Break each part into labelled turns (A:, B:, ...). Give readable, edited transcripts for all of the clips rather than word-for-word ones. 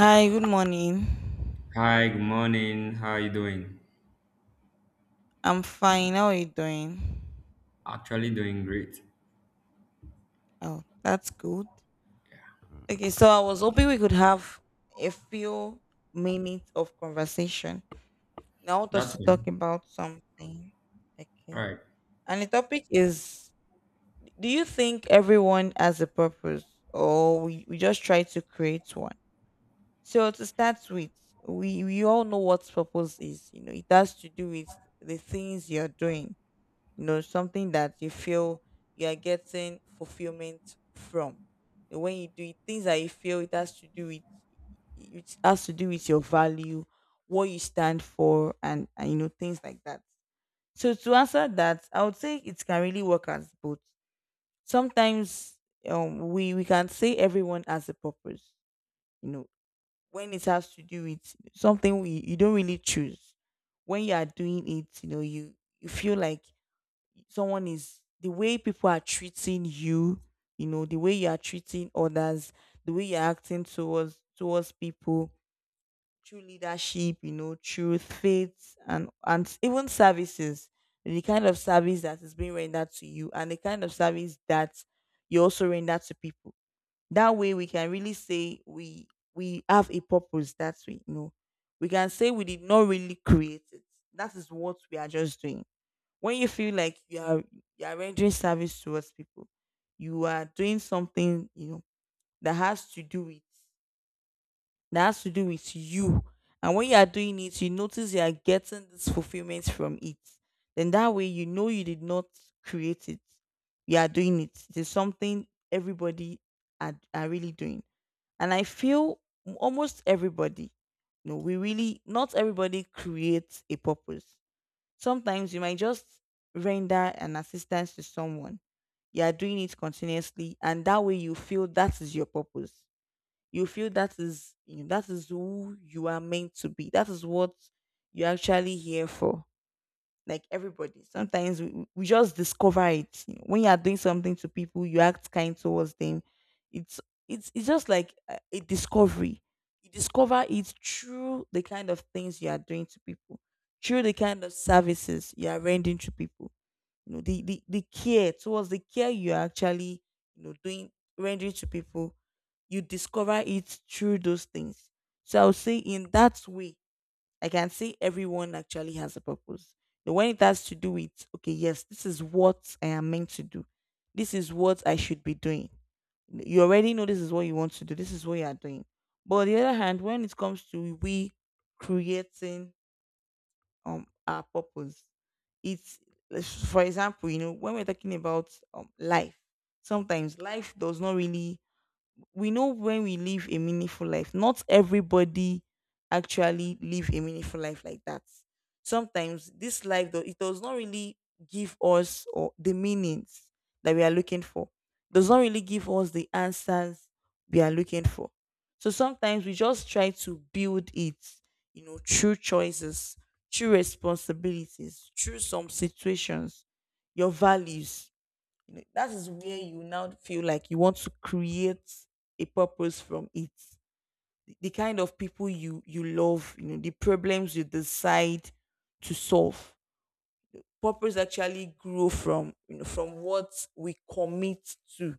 A: Hi, good morning.
B: Hi, good morning. How are you doing?
A: I'm fine. How are you doing?
B: Actually, doing great.
A: Oh, that's good. Okay, so I was hoping we could have a few minutes of conversation. Now, I want us
B: That's
A: to talk
B: fine.
A: about something.
B: All
A: Okay.
B: right.
A: And the topic is: do you think everyone has a purpose, or we just try to create one? So, to start with, we all know what purpose is. You know, it has to do with the things you're doing, you know, something that you feel you are getting fulfillment from. And when you do it, things that you feel it has to do with, it has to do with your value, what you stand for, and you know, things like that. So, to answer that, I would say it can really work as both. Sometimes, we can say everyone has a purpose, you know, when it has to do with something you don't really choose. When you are doing it, you know, you feel like someone is the way people are treating you, you know, the way you are treating others, the way you're acting towards people, through leadership, you know, through faith and even services, the kind of service that is being rendered to you, and the kind of service that you also render to people. That way we can really say we have a purpose that we. We can say we did not really create it. That is what we are just doing. When you feel like you are rendering service towards people, you are doing something, that has to do with, that has to do with you. And when you are doing it, you notice you are getting this fulfillment from it. Then that way you know you did not create it. You are doing it. It is something everybody are really doing. And I feel almost everybody, you know, we really not everybody creates a purpose. Sometimes you might just render an assistance to someone. You are doing it continuously, and that way you feel that is your purpose. You feel that is, that is who you are meant to be. That is what you're actually here for, like everybody. Sometimes we just discover it. You know, when you are doing something to people, you act kind towards them. It's it's just like a discovery. You discover it through the kind of things you are doing to people, through the kind of services you are rendering to people. You know, the care towards the care you are actually, doing rendering to people, you discover it through those things. So I would say in that way, I can see everyone actually has a purpose. But when it has to do with, okay, yes, this is what I am meant to do. This is what I should be doing. You already know this is what you want to do. This is what you are doing. But on the other hand, when it comes to we creating our purpose, it's for example, you know, when we're talking about life, sometimes life does not really, we know when we live a meaningful life. Not everybody actually live a meaningful life like that. Sometimes this life, though, it does not really give us or the meanings that we are looking for. Does not really give us the answers we are looking for. So sometimes we just try to build it, you know, through choices, through responsibilities, through some situations, your values. You know, that is where you now feel like you want to create a purpose from it. The kind of people you love, you know, the problems you decide to solve. Purpose actually grow from what we commit to,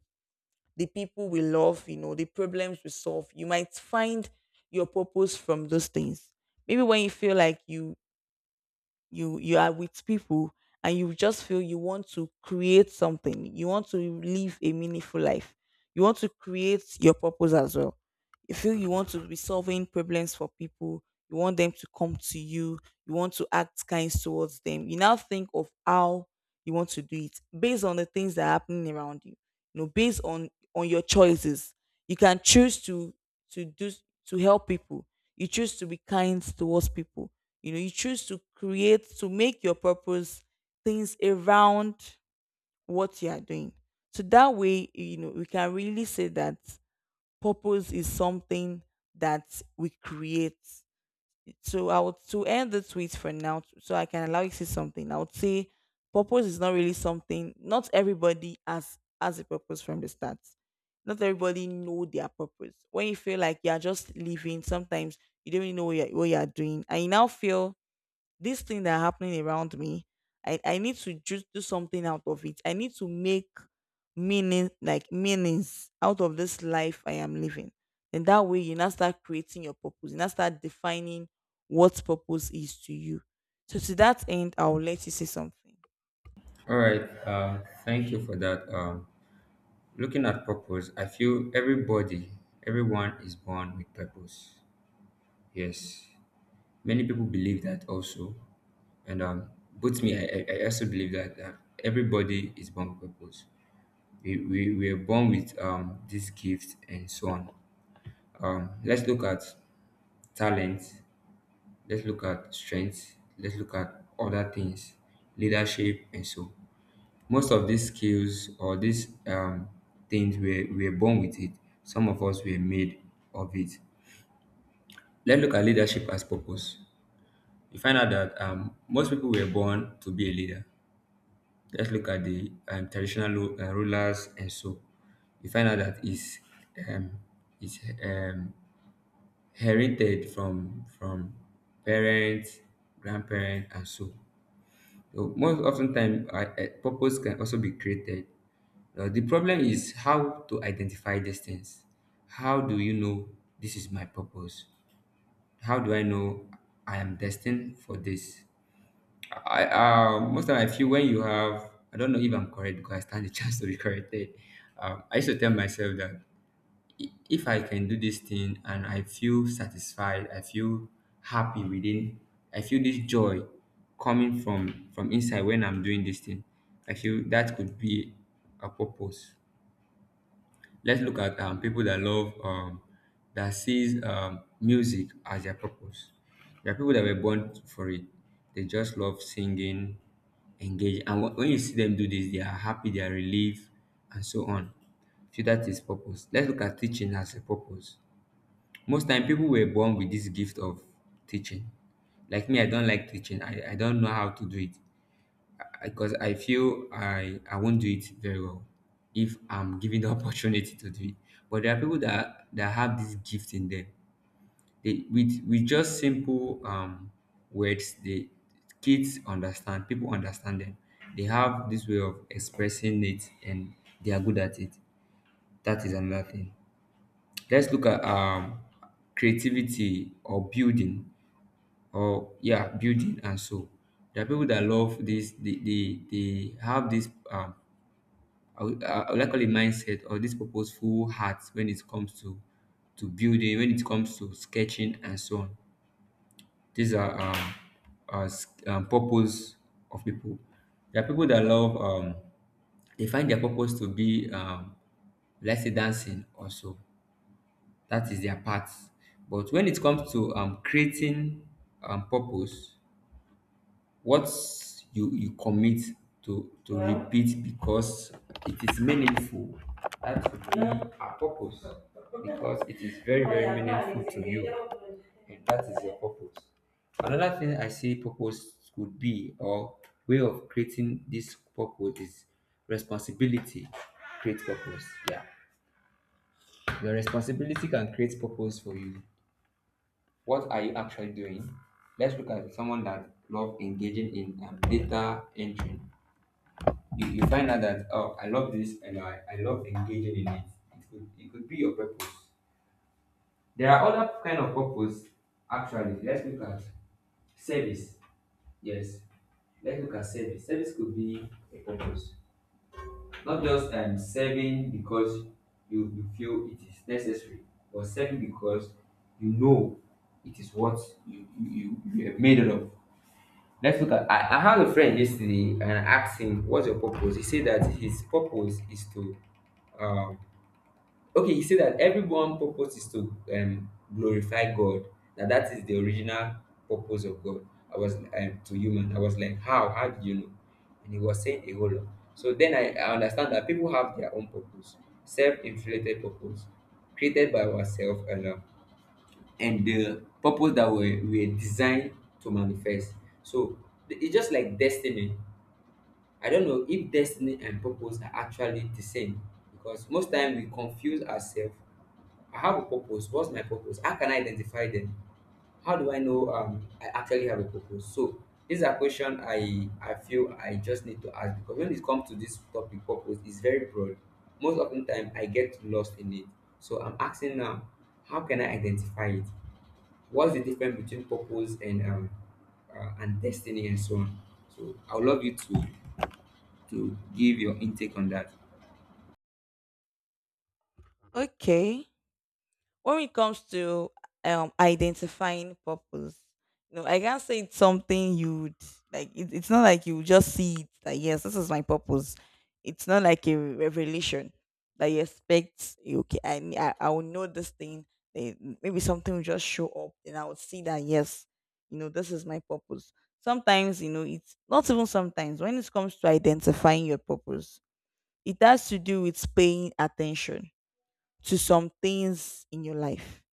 A: the people we love, you know, the problems we solve. You might find your purpose from those things. Maybe when you feel like you are with people, and you just feel you want to create something, you want to live a meaningful life, you want to create your purpose as well, you feel you want to be solving problems for people, you want them to come to you, you want to act kind towards them, you now think of how you want to do it based on the things that are happening around you, based on your choices. You can choose to do to help people. You choose to be kind towards people. You know, you choose to make your purpose things around what you are doing. So that way, you know, we can really say that purpose is something that we create. So I would to end the tweet for now, so I can allow you to say something. I would say purpose is not really something. Not everybody has a purpose from the start. Not everybody know their purpose. When you feel like you're just living, sometimes you don't even know what you're doing, and you now feel this thing that happening around me, I need to just do something out of it. I need to make meaning, like meanings, out of this life I am living. And that way you now start creating your purpose, you now start defining what purpose is to you. So to that end, I'll let you say something.
B: All right. Thank you for that. Looking at purpose, I feel everyone is born with purpose. Yes. Many people believe that also. And both me, I also believe that everybody is born with purpose. We are born with this gift and so on. Let's look at talent. Let's look at strength. Let's look at other things, leadership, and so. Most of these skills or these things we were born with it. Some of us were made of it. Let's look at leadership as purpose. You find out that most people were born to be a leader. Let's look at the traditional rulers and so. You find out that is um, is um, heritage from parents, grandparents, and so. So most often time, purpose can also be created. The problem is how to identify these things. How do you know this is my purpose? How do I know I am destined for this? I Most time I feel when you have I don't know if I'm correct because I stand the chance to be corrected. I used to tell myself that if I can do this thing and I feel satisfied, I feel happy within, I feel this joy coming from inside when I'm doing this thing. I feel that could be a purpose. Let's look at people that love that sees music as their purpose. There are people that were born for it. They just love singing, engage, and when you see them do this, they are happy, they are relieved, and so on. So that is purpose. Let's look at teaching as a purpose, most time people were born with this gift of teaching. Like me, I don't like teaching. I don't know how to do it because I feel I won't do it very well if I'm given the opportunity to do it. But there are people that have this gift in them. They, with just simple words, the kids understand, people understand them. They have this way of expressing it, and they are good at it. That is another thing. Let's look at creativity or building, or yeah, building and so. There are people that love this. They have this I would like call it mindset, or this purposeful heart when it comes to building, when it comes to sketching and so on. These are purpose of people. There are people that love they find their purpose to be let's say dancing also. That is their part. But when it comes to creating purpose, what you commit to repeat because it is meaningful, that could be our purpose, because it is very, very meaningful to you, and that is your purpose. Another thing, I say purpose could be or way of creating this purpose is responsibility. Create purpose. Yeah. Your responsibility can create purpose for you. What are you actually doing? Let's look at someone that love engaging in data entry. You find out that oh, I love this, and I love engaging in it. It could be your purpose. There are other kind of purpose. Actually, let's look at service. Yes. Let's look at service. Service could be a purpose. Not just serving because you feel it is necessary, but serving because you know it is what you have made it of. Let's look at I had a friend yesterday, and I asked him, what's your purpose? He said that his purpose is to um okay, you say that everyone purpose is to glorify God. Now that is the original purpose of God. I was to human. I was like, how did you know? And he was saying a whole lot. So then I understand that people have their own purpose, self-inflated purpose created by ourselves alone, and the purpose that we were designed to manifest. So it's just like destiny. I don't know if destiny and purpose are actually the same, because most time we confuse ourselves. I have a purpose. What's my purpose? How can I identify them? How do I know I actually have a purpose? So these are questions I feel I just need to ask, because when it comes to this topic, purpose is very broad. Most often time I get lost in it. So I'm asking now, how can I identify it? What's the difference between purpose and destiny and so on? So I would love you to give your intake on that.
A: Okay. When it comes to identifying purpose, you know, I can't say it's something you'd like it, it's not like you just see it, that yes, this is my purpose. It's not like a revelation that you expect, okay, I will know this thing, eh, maybe something will just show up and I would see that, yes, you know, this is my purpose. Sometimes, you know, it's not even, sometimes when it comes to identifying your purpose, it has to do with paying attention to some things in your life.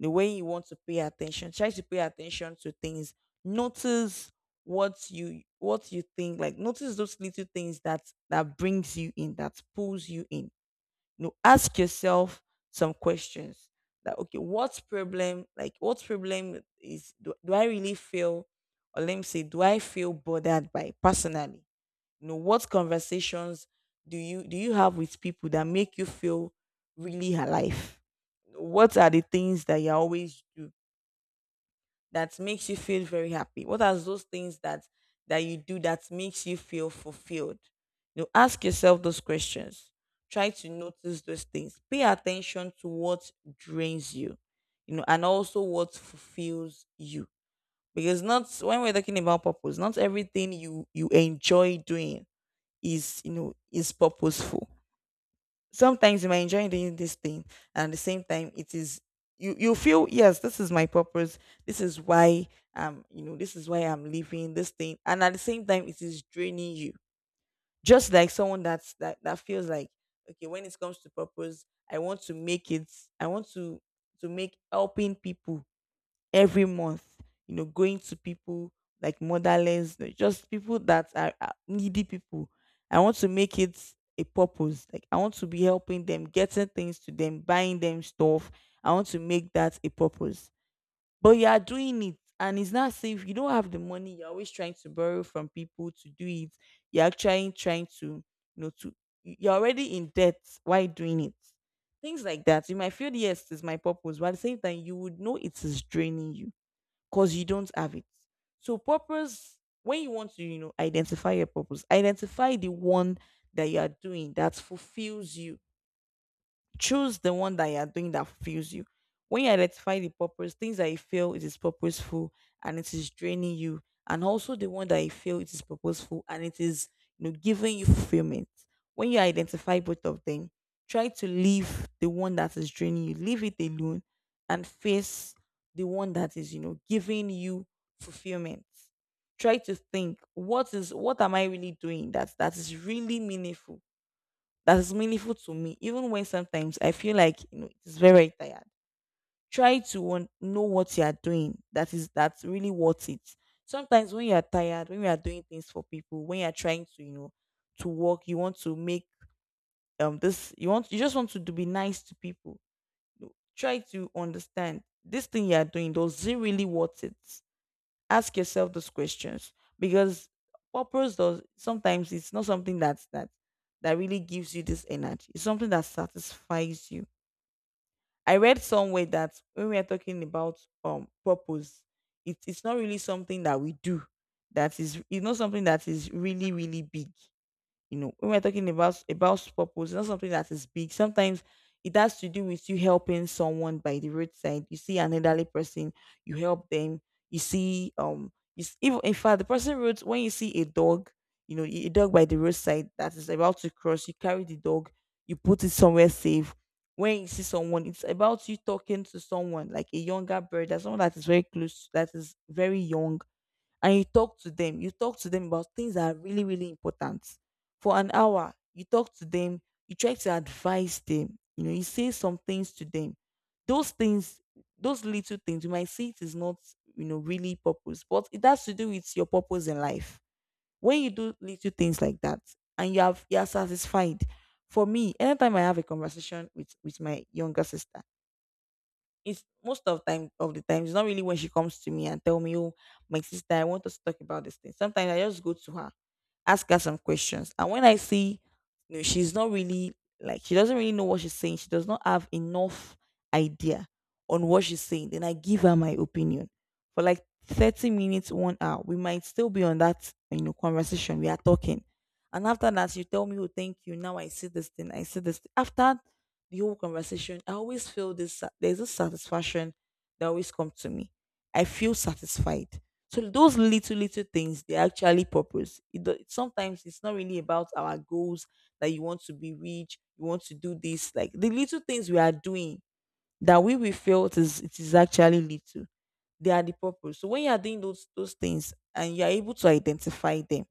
A: The way you want to pay attention, try to pay attention to things. Notice what you think, like, notice those little things, that brings you in, that pulls you in. You know, ask yourself some questions, that okay, what problem, like, what problem is, do I really feel, or let me say, do I feel bothered by personally. You know, what conversations do you have with people that make you feel really alive? What are the things that you always do that makes you feel very happy? What are those things that you do that makes you feel fulfilled? You know, ask yourself those questions. Try to notice those things. Pay attention to what drains you, you know, and also what fulfills you. Because not when we're talking about purpose, not everything you enjoy doing is purposeful. Sometimes you might enjoy doing this thing, and at the same time it is you you feel, yes, this is my purpose, this is why you know, this is why I'm living this thing, and at the same time it is draining you. Just like someone that feels like, okay, when it comes to purpose, I want to make it, I want to make helping people every month, you know, going to people like motherless, you know, just people that are needy people. I want to make it a purpose. Like, I want to be helping them, getting things to them, buying them stuff. I want to make that a purpose. But you are doing it and it's not safe. You don't have the money. You're always trying to borrow from people to do it. You're actually trying to, know, to you're already in debt. Why doing it? Things like that. You might feel, yes, it's my purpose, but at the same time, you would know it is draining you, because you don't have it. So purpose, when you want to, you know, identify your purpose, identify the one that you are doing that fulfills you. Choose the one that you are doing that fulfills you. When you identify the purpose, things that you feel it is purposeful and it is draining you, and also the one that you feel it is purposeful and it is giving you fulfillment. When you identify both of them, try to leave the one that is draining you, leave it alone, and face the one that is, giving you fulfillment. Try to think, what am I really doing that is really meaningful, that is meaningful to me, even when sometimes I feel like, it's very, very tired. Try to want, know what you are doing. That's really worth it. Sometimes when you are tired, when you are doing things for people, when you are trying to work, you want to make this you want you just want to, do- be nice to people. You know, try to understand this thing you are doing. Does it really worth it? Ask yourself those questions because purpose does sometimes it's not something that really gives you this energy. It's something that satisfies you. I read somewhere that when we are talking about purpose, it's not really something that we do. That is It's not something that is really really big. You know, when we're talking about purpose, not something that is big. Sometimes it has to do with you helping someone by the roadside. You see an elderly person, you help them. You see, even in fact, the person roads when you see a dog, by the roadside that is about to cross, you carry the dog, you put it somewhere safe. When you see someone, it's about you talking to someone like a younger brother, someone that is very close, that is very young, and you talk to them. You talk to them about things that are really, really important. For an hour, you talk to them, you try to advise them, you say some things to them. Those things, those little things, you might see it is not, really purpose, but it has to do with your purpose in life. When you do little things like that and you are satisfied. For me, anytime I have a conversation with my younger sister, it's most of the time. It's not really when she comes to me and tell me, "Oh, my sister, I want us to talk about this thing." Sometimes I just go to her, ask her some questions. And when I see, she's not really, like, she doesn't really know what she's saying. She does not have enough idea on what she's saying. Then I give her my opinion for like 30 minutes, 1 hour. We might still be on that conversation. We are talking, and after that, you tell me, "Oh, thank you. Now I see this thing. I see this thing." After the whole conversation, I always feel there's a satisfaction that always comes to me. I feel satisfied, so those little little things, they actually purpose. Sometimes it's not really about our goals, that you want to be rich, you want to do this. Like the little things we are doing that we will feel it is actually little. They are the purpose. So when you are doing those things and you are able to identify them,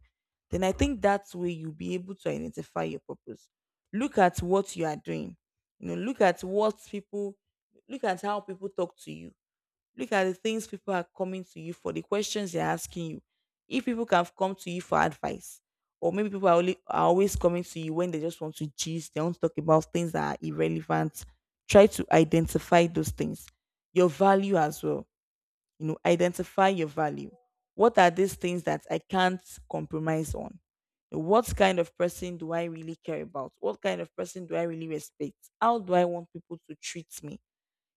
A: then I think that's where you'll be able to identify your purpose. Look at what you are doing. You know, look at what people look at how people talk to you. Look at the things people are coming to you for, the questions they're asking you. If people can come to you for advice, or maybe people are always coming to you when they just want to gist, they want to talk about things that are irrelevant. Try to identify those things. Your value as well. You know, identify your value. What are these things that I can't compromise on? What kind of person do I really care about? What kind of person do I really respect? How do I want people to treat me?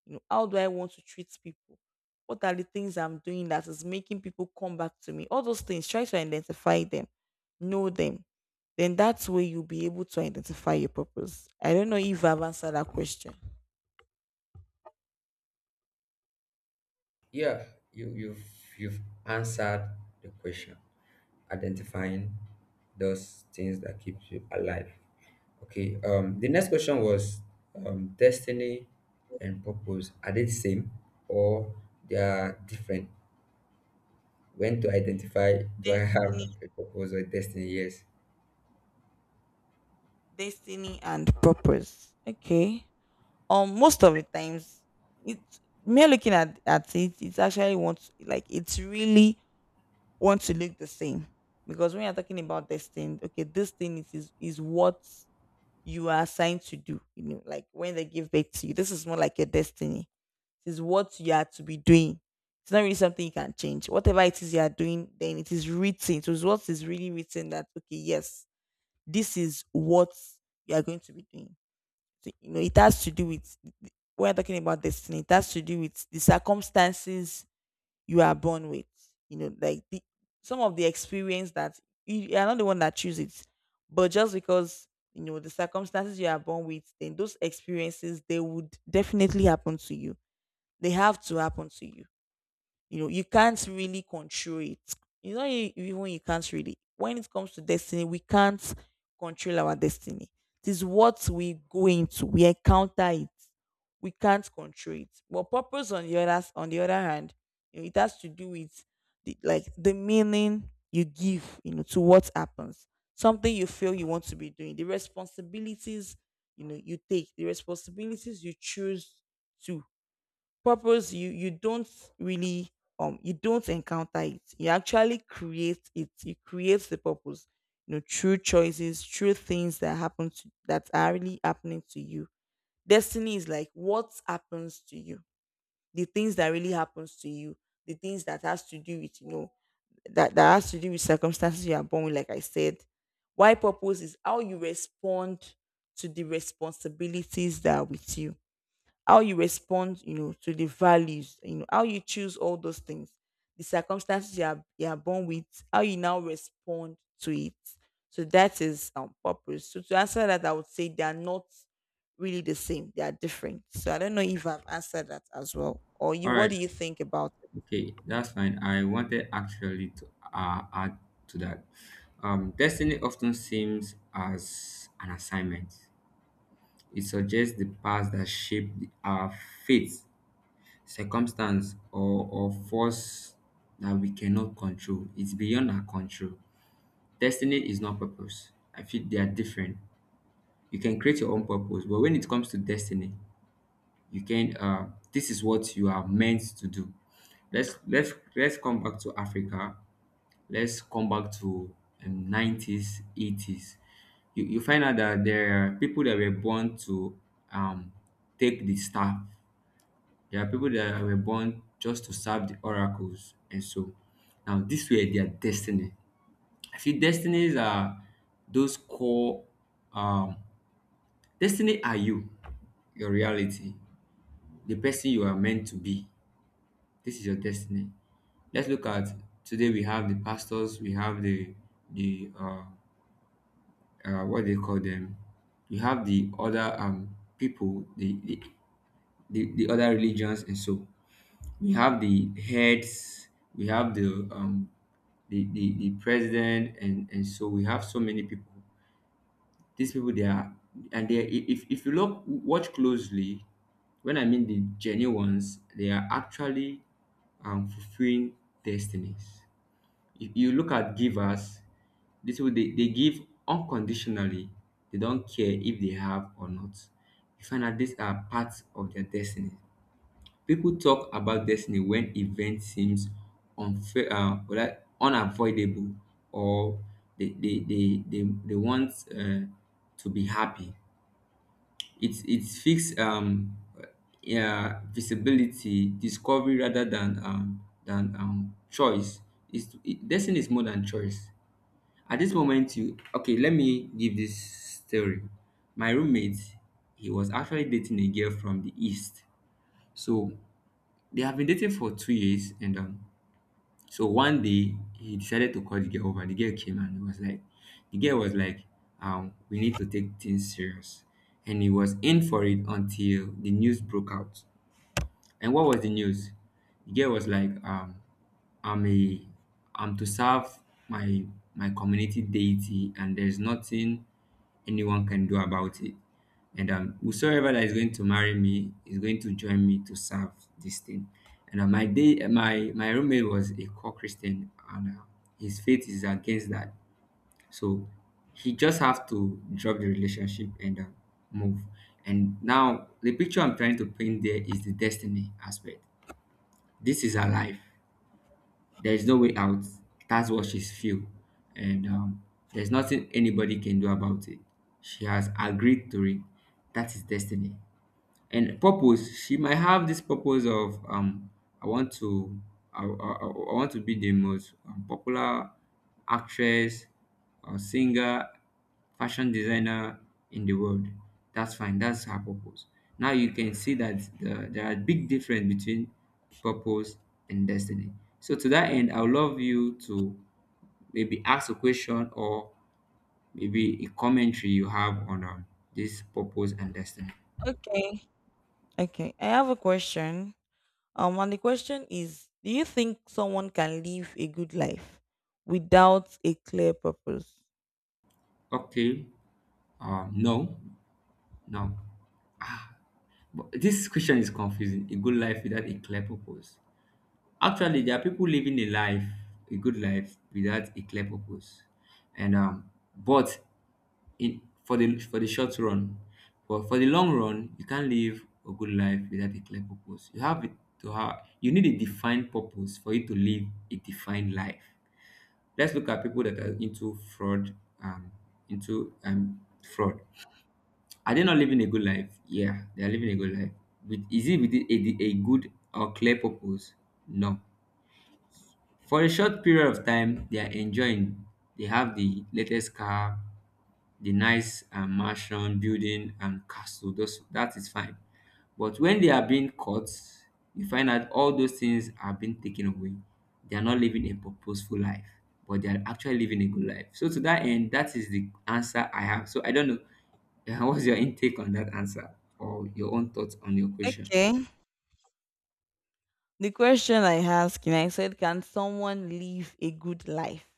A: You know, how do I want to treat people? What are the things I'm doing that is making people come back to me? All those things, try to identify them, know them. Then that's where you'll be able to identify your purpose. I don't know if I've answered that question.
B: Yeah, you've you've answered the question. Identifying those things that keep you alive. Okay. The next question was, destiny and purpose, are they the same, or they are different? When to identify? Do I
A: Destiny,
B: have a purpose or destiny? Yes.
A: destiny and purpose. Okay. Most of the times, it's me looking at It's actually wants like it's really want to look the same because when you're talking about destiny, okay, this thing is what you are assigned to do. You know, like when they give birth to you, this is more like your destiny. This is what you are to be doing. It's not really something you can change. Whatever it is you are doing, then it is written. It is what is really written that okay, yes, this is what you are going to be doing. So, you know, it has to do with, when I'm talking about destiny, it has to do with the circumstances you are born with. You know, like some of the experience that you are not the one that chooses it, but just because, you know, the circumstances you are born with, then those experiences they would definitely happen to you. They have to happen to you. You know, you can't really control it. You know, even you can't really. When it comes to destiny, we can't control our destiny. It is what we go into. We encounter it. We can't control it. But purpose, on the other hand, you know, it has to do with like the meaning you give, you know, to what happens. Something you feel you want to be doing. The responsibilities, you know, you take. The responsibilities you choose to. Purpose, you don't really you don't encounter it. You actually create it. You create the purpose, you know, true choices, true things that are really happening to you. Destiny is like what happens to you, the things that really happens to you, the things that has to do with, you know, that, that has to do with circumstances you are born with, like I said. Why purpose is how you respond to the responsibilities that are with you, how you respond, you know, to the values, you know, how you choose all those things, the circumstances you are born with, how you now respond to it. So that is purpose. So to answer that, I would say they are not really the same. They are different. So I don't know if I've answered that as well. Or you,
B: All
A: what
B: right,
A: do you think about it?
B: okay, that's fine. I wanted actually to add to that. Destiny often seems as an assignment. It suggests the past that shaped our faith, circumstance, or force that we cannot control. It's beyond our control. Destiny is not purpose. I feel they are different. You can create your own purpose, but when it comes to destiny, you can. This is what you are meant to do. Let's come back to Africa. Let's come back to '90s, '80s. You find out that there are people that were born to um, take the staff. There are people that were born just to serve the oracles and so. Now this were their destiny. I feel destinies are those core um, destiny are you, your reality, the person you are meant to be. This is your destiny. Let's look at today. We have the pastors, we have the the uh, what they call them? You have the other people, the other religions, and so we have the heads, we have the the president, and so we have so many people. These people they are, and if you look, watch closely, when I mean the genuine ones, they are actually fulfilling destinies. If you look at givers, these people, they give unconditionally. They don't care if they have or not. You find out these are parts of their destiny. People talk about destiny when event seems unfair, or like unavoidable, or they want to be happy. It's fixed yeah, visibility discovery rather than choice. Destiny is more than choice. At this moment, you okay, let me give this story. My roommate, he was actually dating a girl from the east. So they have been dating for 2 years, and so one day he decided to call the girl over. The girl came and he was like, the girl was like, we need to take things serious, and he was in for it until the news broke out. And what was the news? The girl was like, I'm a I'm to serve my my community deity, and there's nothing anyone can do about it. And whosoever that is going to marry me is going to join me to serve this thing. And my roommate was a core Christian, and his faith is against that. So he just have to drop the relationship and move. And now the picture I'm trying to paint there is the destiny aspect. This is her life. There is no way out. That's what she's feel, and there's nothing anybody can do about it. She has agreed to it. That is destiny. And purpose, she might have this purpose of I want to I want to be the most popular actress or singer, fashion designer in the world. That's fine, that's her purpose. Now you can see that there are big difference between purpose and destiny. So to that end, I would love you to maybe ask a question, or maybe a commentary you have on this purpose and destiny.
A: Okay. Okay, I have a question. And the question is, do you think someone can live a good life without a clear purpose?
B: Okay. No, no. Ah, but this question is confusing. A good life without a clear purpose. Actually, there are people living a life, a good life, without a clear purpose, and but in for the short run, but for the long run, you can't live a good life without a clear purpose. You have it to have you need a defined purpose for you to live a defined life. Let's look at people that are into fraud, um, into fraud. Are they not living a good life? Yeah, they are living a good life. With is it with a, good or clear purpose? No. For a short period of time, they are enjoying. They have the latest car, the nice mansion, building, and castle. Those, that is fine. But when they are being caught, you find out all those things are being taken away. They are not living a purposeful life, but they are actually living a good life. So, to that end, that is the answer I have. So, I don't know. What's your intake on that answer, or your own thoughts on your question?
A: Okay. The question I asked, and I said, can someone live a good life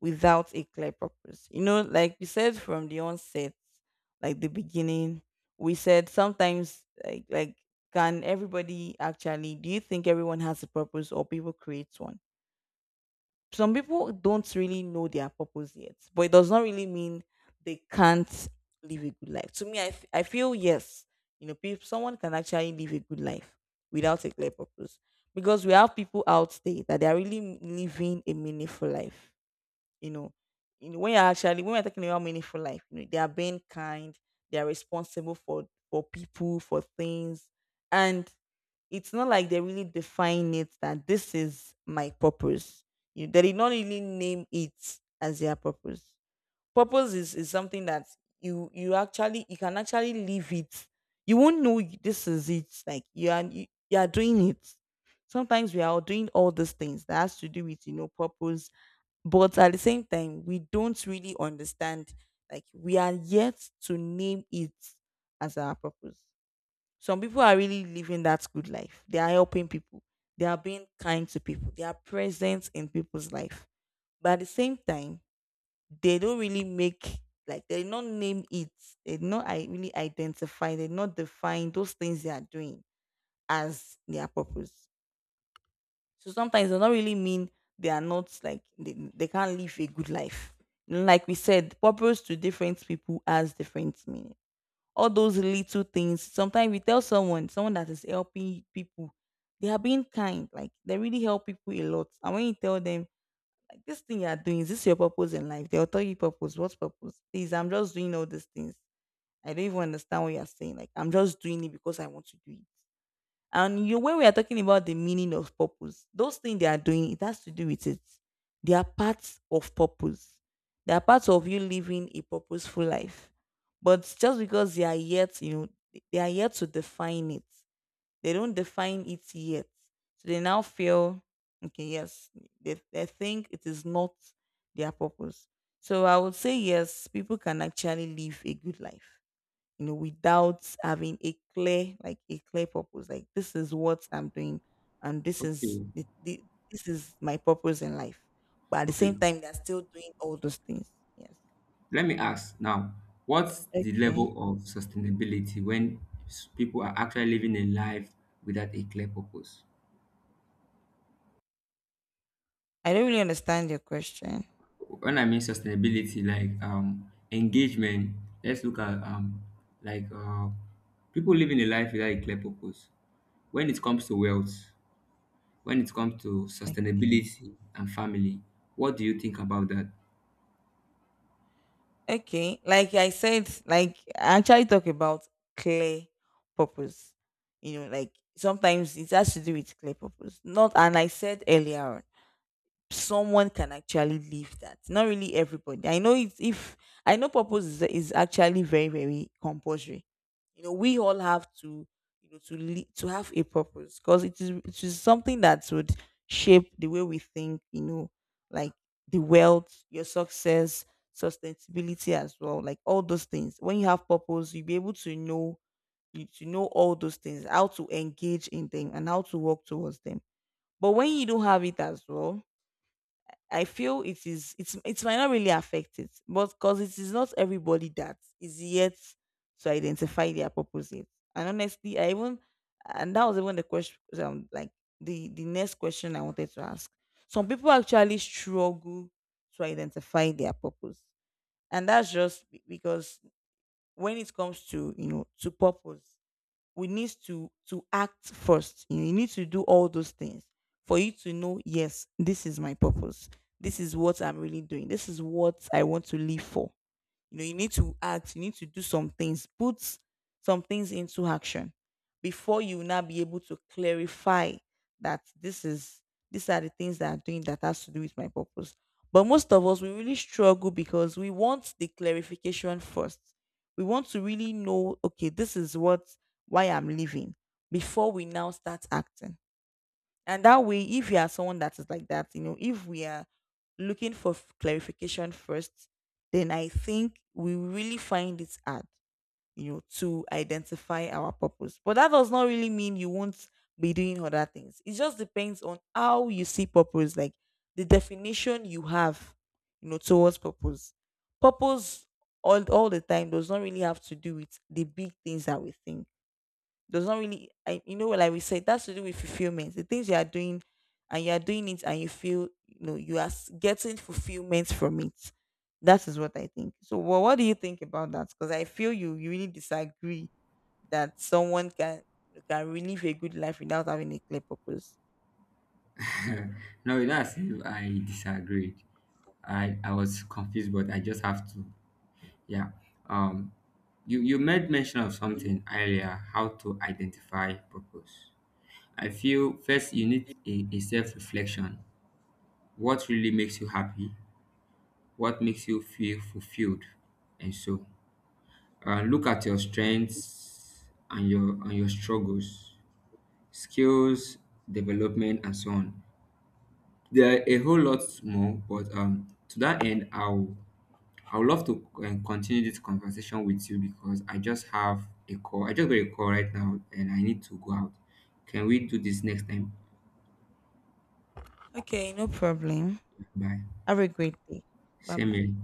A: without a clear purpose? You know, like we said from the onset, like the beginning, we said sometimes, like, can everybody actually? Do you think everyone has a purpose, or people create one? Some people don't really know their purpose yet, but it does not really mean they can't live a good life. To me, I feel yes, you know, people, someone can actually live a good life without a clear purpose, because we have people out there that they are really living a meaningful life. You know, when you're actually when we're talking about meaningful life, you know, they are being kind, they are responsible for people, for things, and it's not like they really define it that this is my purpose. They did not really name it as their purpose. Purpose is something that you can actually live it. You won't know this is it. Like you are doing it. Sometimes we are all doing all these things that has to do with purpose, but at the same time we don't really understand. Like we are yet to name it as our purpose. Some people are really living that good life. They are helping people. They are being kind to people. They are present in people's life. But at the same time, they don't really make like they did not name it. They did not I really identify. They did not define those things they are doing as their purpose. So sometimes they don't really mean they are not like they can't live a good life. Like we said, purpose to different people has different meaning, all those little things. Sometimes we tell someone, someone that is helping people, they are being kind. Like they really help people a lot. And when you tell them, like this thing you are doing, is this your purpose in life? They'll tell you, "Purpose? What purpose? Please, I'm just doing all these things. I don't even understand what you are saying. Like I'm just doing it because I want to do it." And when we are talking about the meaning of purpose, those things they are doing, it has to do with it. They are parts of purpose. They are parts of you living a purposeful life. But just because they are yet to define it. They don't define it yet. So they now feel, okay, yes, they think it is not their purpose. So I would say, yes, people can actually live a good life, you know, without having a clear, like a clear purpose. Like this is what I'm doing, and this is
B: Okay,
A: the, this is my purpose in life. But at the same
B: okay.
A: time, they're still doing all those things. Yes.
B: Let me ask now, what's the
A: Okay.
B: level of sustainability when people are actually living a life without a clear purpose?
A: I don't really understand your question.
B: When I mean sustainability, like engagement, let's look at like uh, people living a life without a clear purpose. When it comes to wealth, when it comes to
A: Okay.
B: sustainability and family, what do you think about that?
A: Okay. Like I said, like I actually talk about clear purpose. You know, like sometimes it has to do with clear purpose. Not, and I said earlier on someone can actually live that. Not really everybody. I know if I know purpose is actually very very compulsory. You know, we all have to, you know, to to have a purpose because it is something that would shape the way we think. You know, like the wealth, your success, sustainability as well. Like all those things. When you have purpose, you'll be able to know you to know all those things, how to engage in them, and how to work towards them. But when you don't have it as well, I feel it's it might not really affect it, but because it is not everybody that is yet to identify their purpose yet. And honestly, I even, and that was even the question, like the next question I wanted to ask. Some people actually struggle to identify their purpose, and that's just because when it comes to, you know, to purpose, we need to act first, you need to do all those things for you to know, yes, this is my purpose, this is what I'm really doing, this is what I want to live for. You know, you need to act, you need to do some things, put some things into action before you will now be able to clarify that this is these are the things that I'm doing that has to do with my purpose. But most of us we really struggle because we want the clarification first. We want to really know, okay, this is what, why I'm living, before we now start acting. And that way, if you are someone that is like that, you know, if we are looking for clarification first, then I think we really find it hard, you know, to identify our purpose. But that does not really mean you won't be doing other things. It just depends on how you see purpose, like the definition you have, you know, towards purpose. Purpose all the time does not really have to do with the big things that we think. Does not really, I, you know, like we said, that's to do with fulfillment, the things you are doing and you are doing it and you feel, you know, you are getting fulfillment from it. That is what I think. So well, what do you think about that? Because I feel you really disagree that someone can really live a good life without having a clear purpose.
B: No, that's if I disagreed. I was confused, but I just have to Yeah. Um, you, you made mention of something earlier, how to identify purpose. I feel first you need a self reflection. What really makes you happy? What makes you feel fulfilled? And so, look at your strengths and your struggles, skills, development, and so on. There are a whole lot more, but to that end, I would love to continue this conversation with you, because I just have a call. I just got a call right now and I need to go out. Can we do this next time?
A: Okay, no problem.
B: Bye.
A: Have a great day. Bye
B: Same
A: bye.
B: here.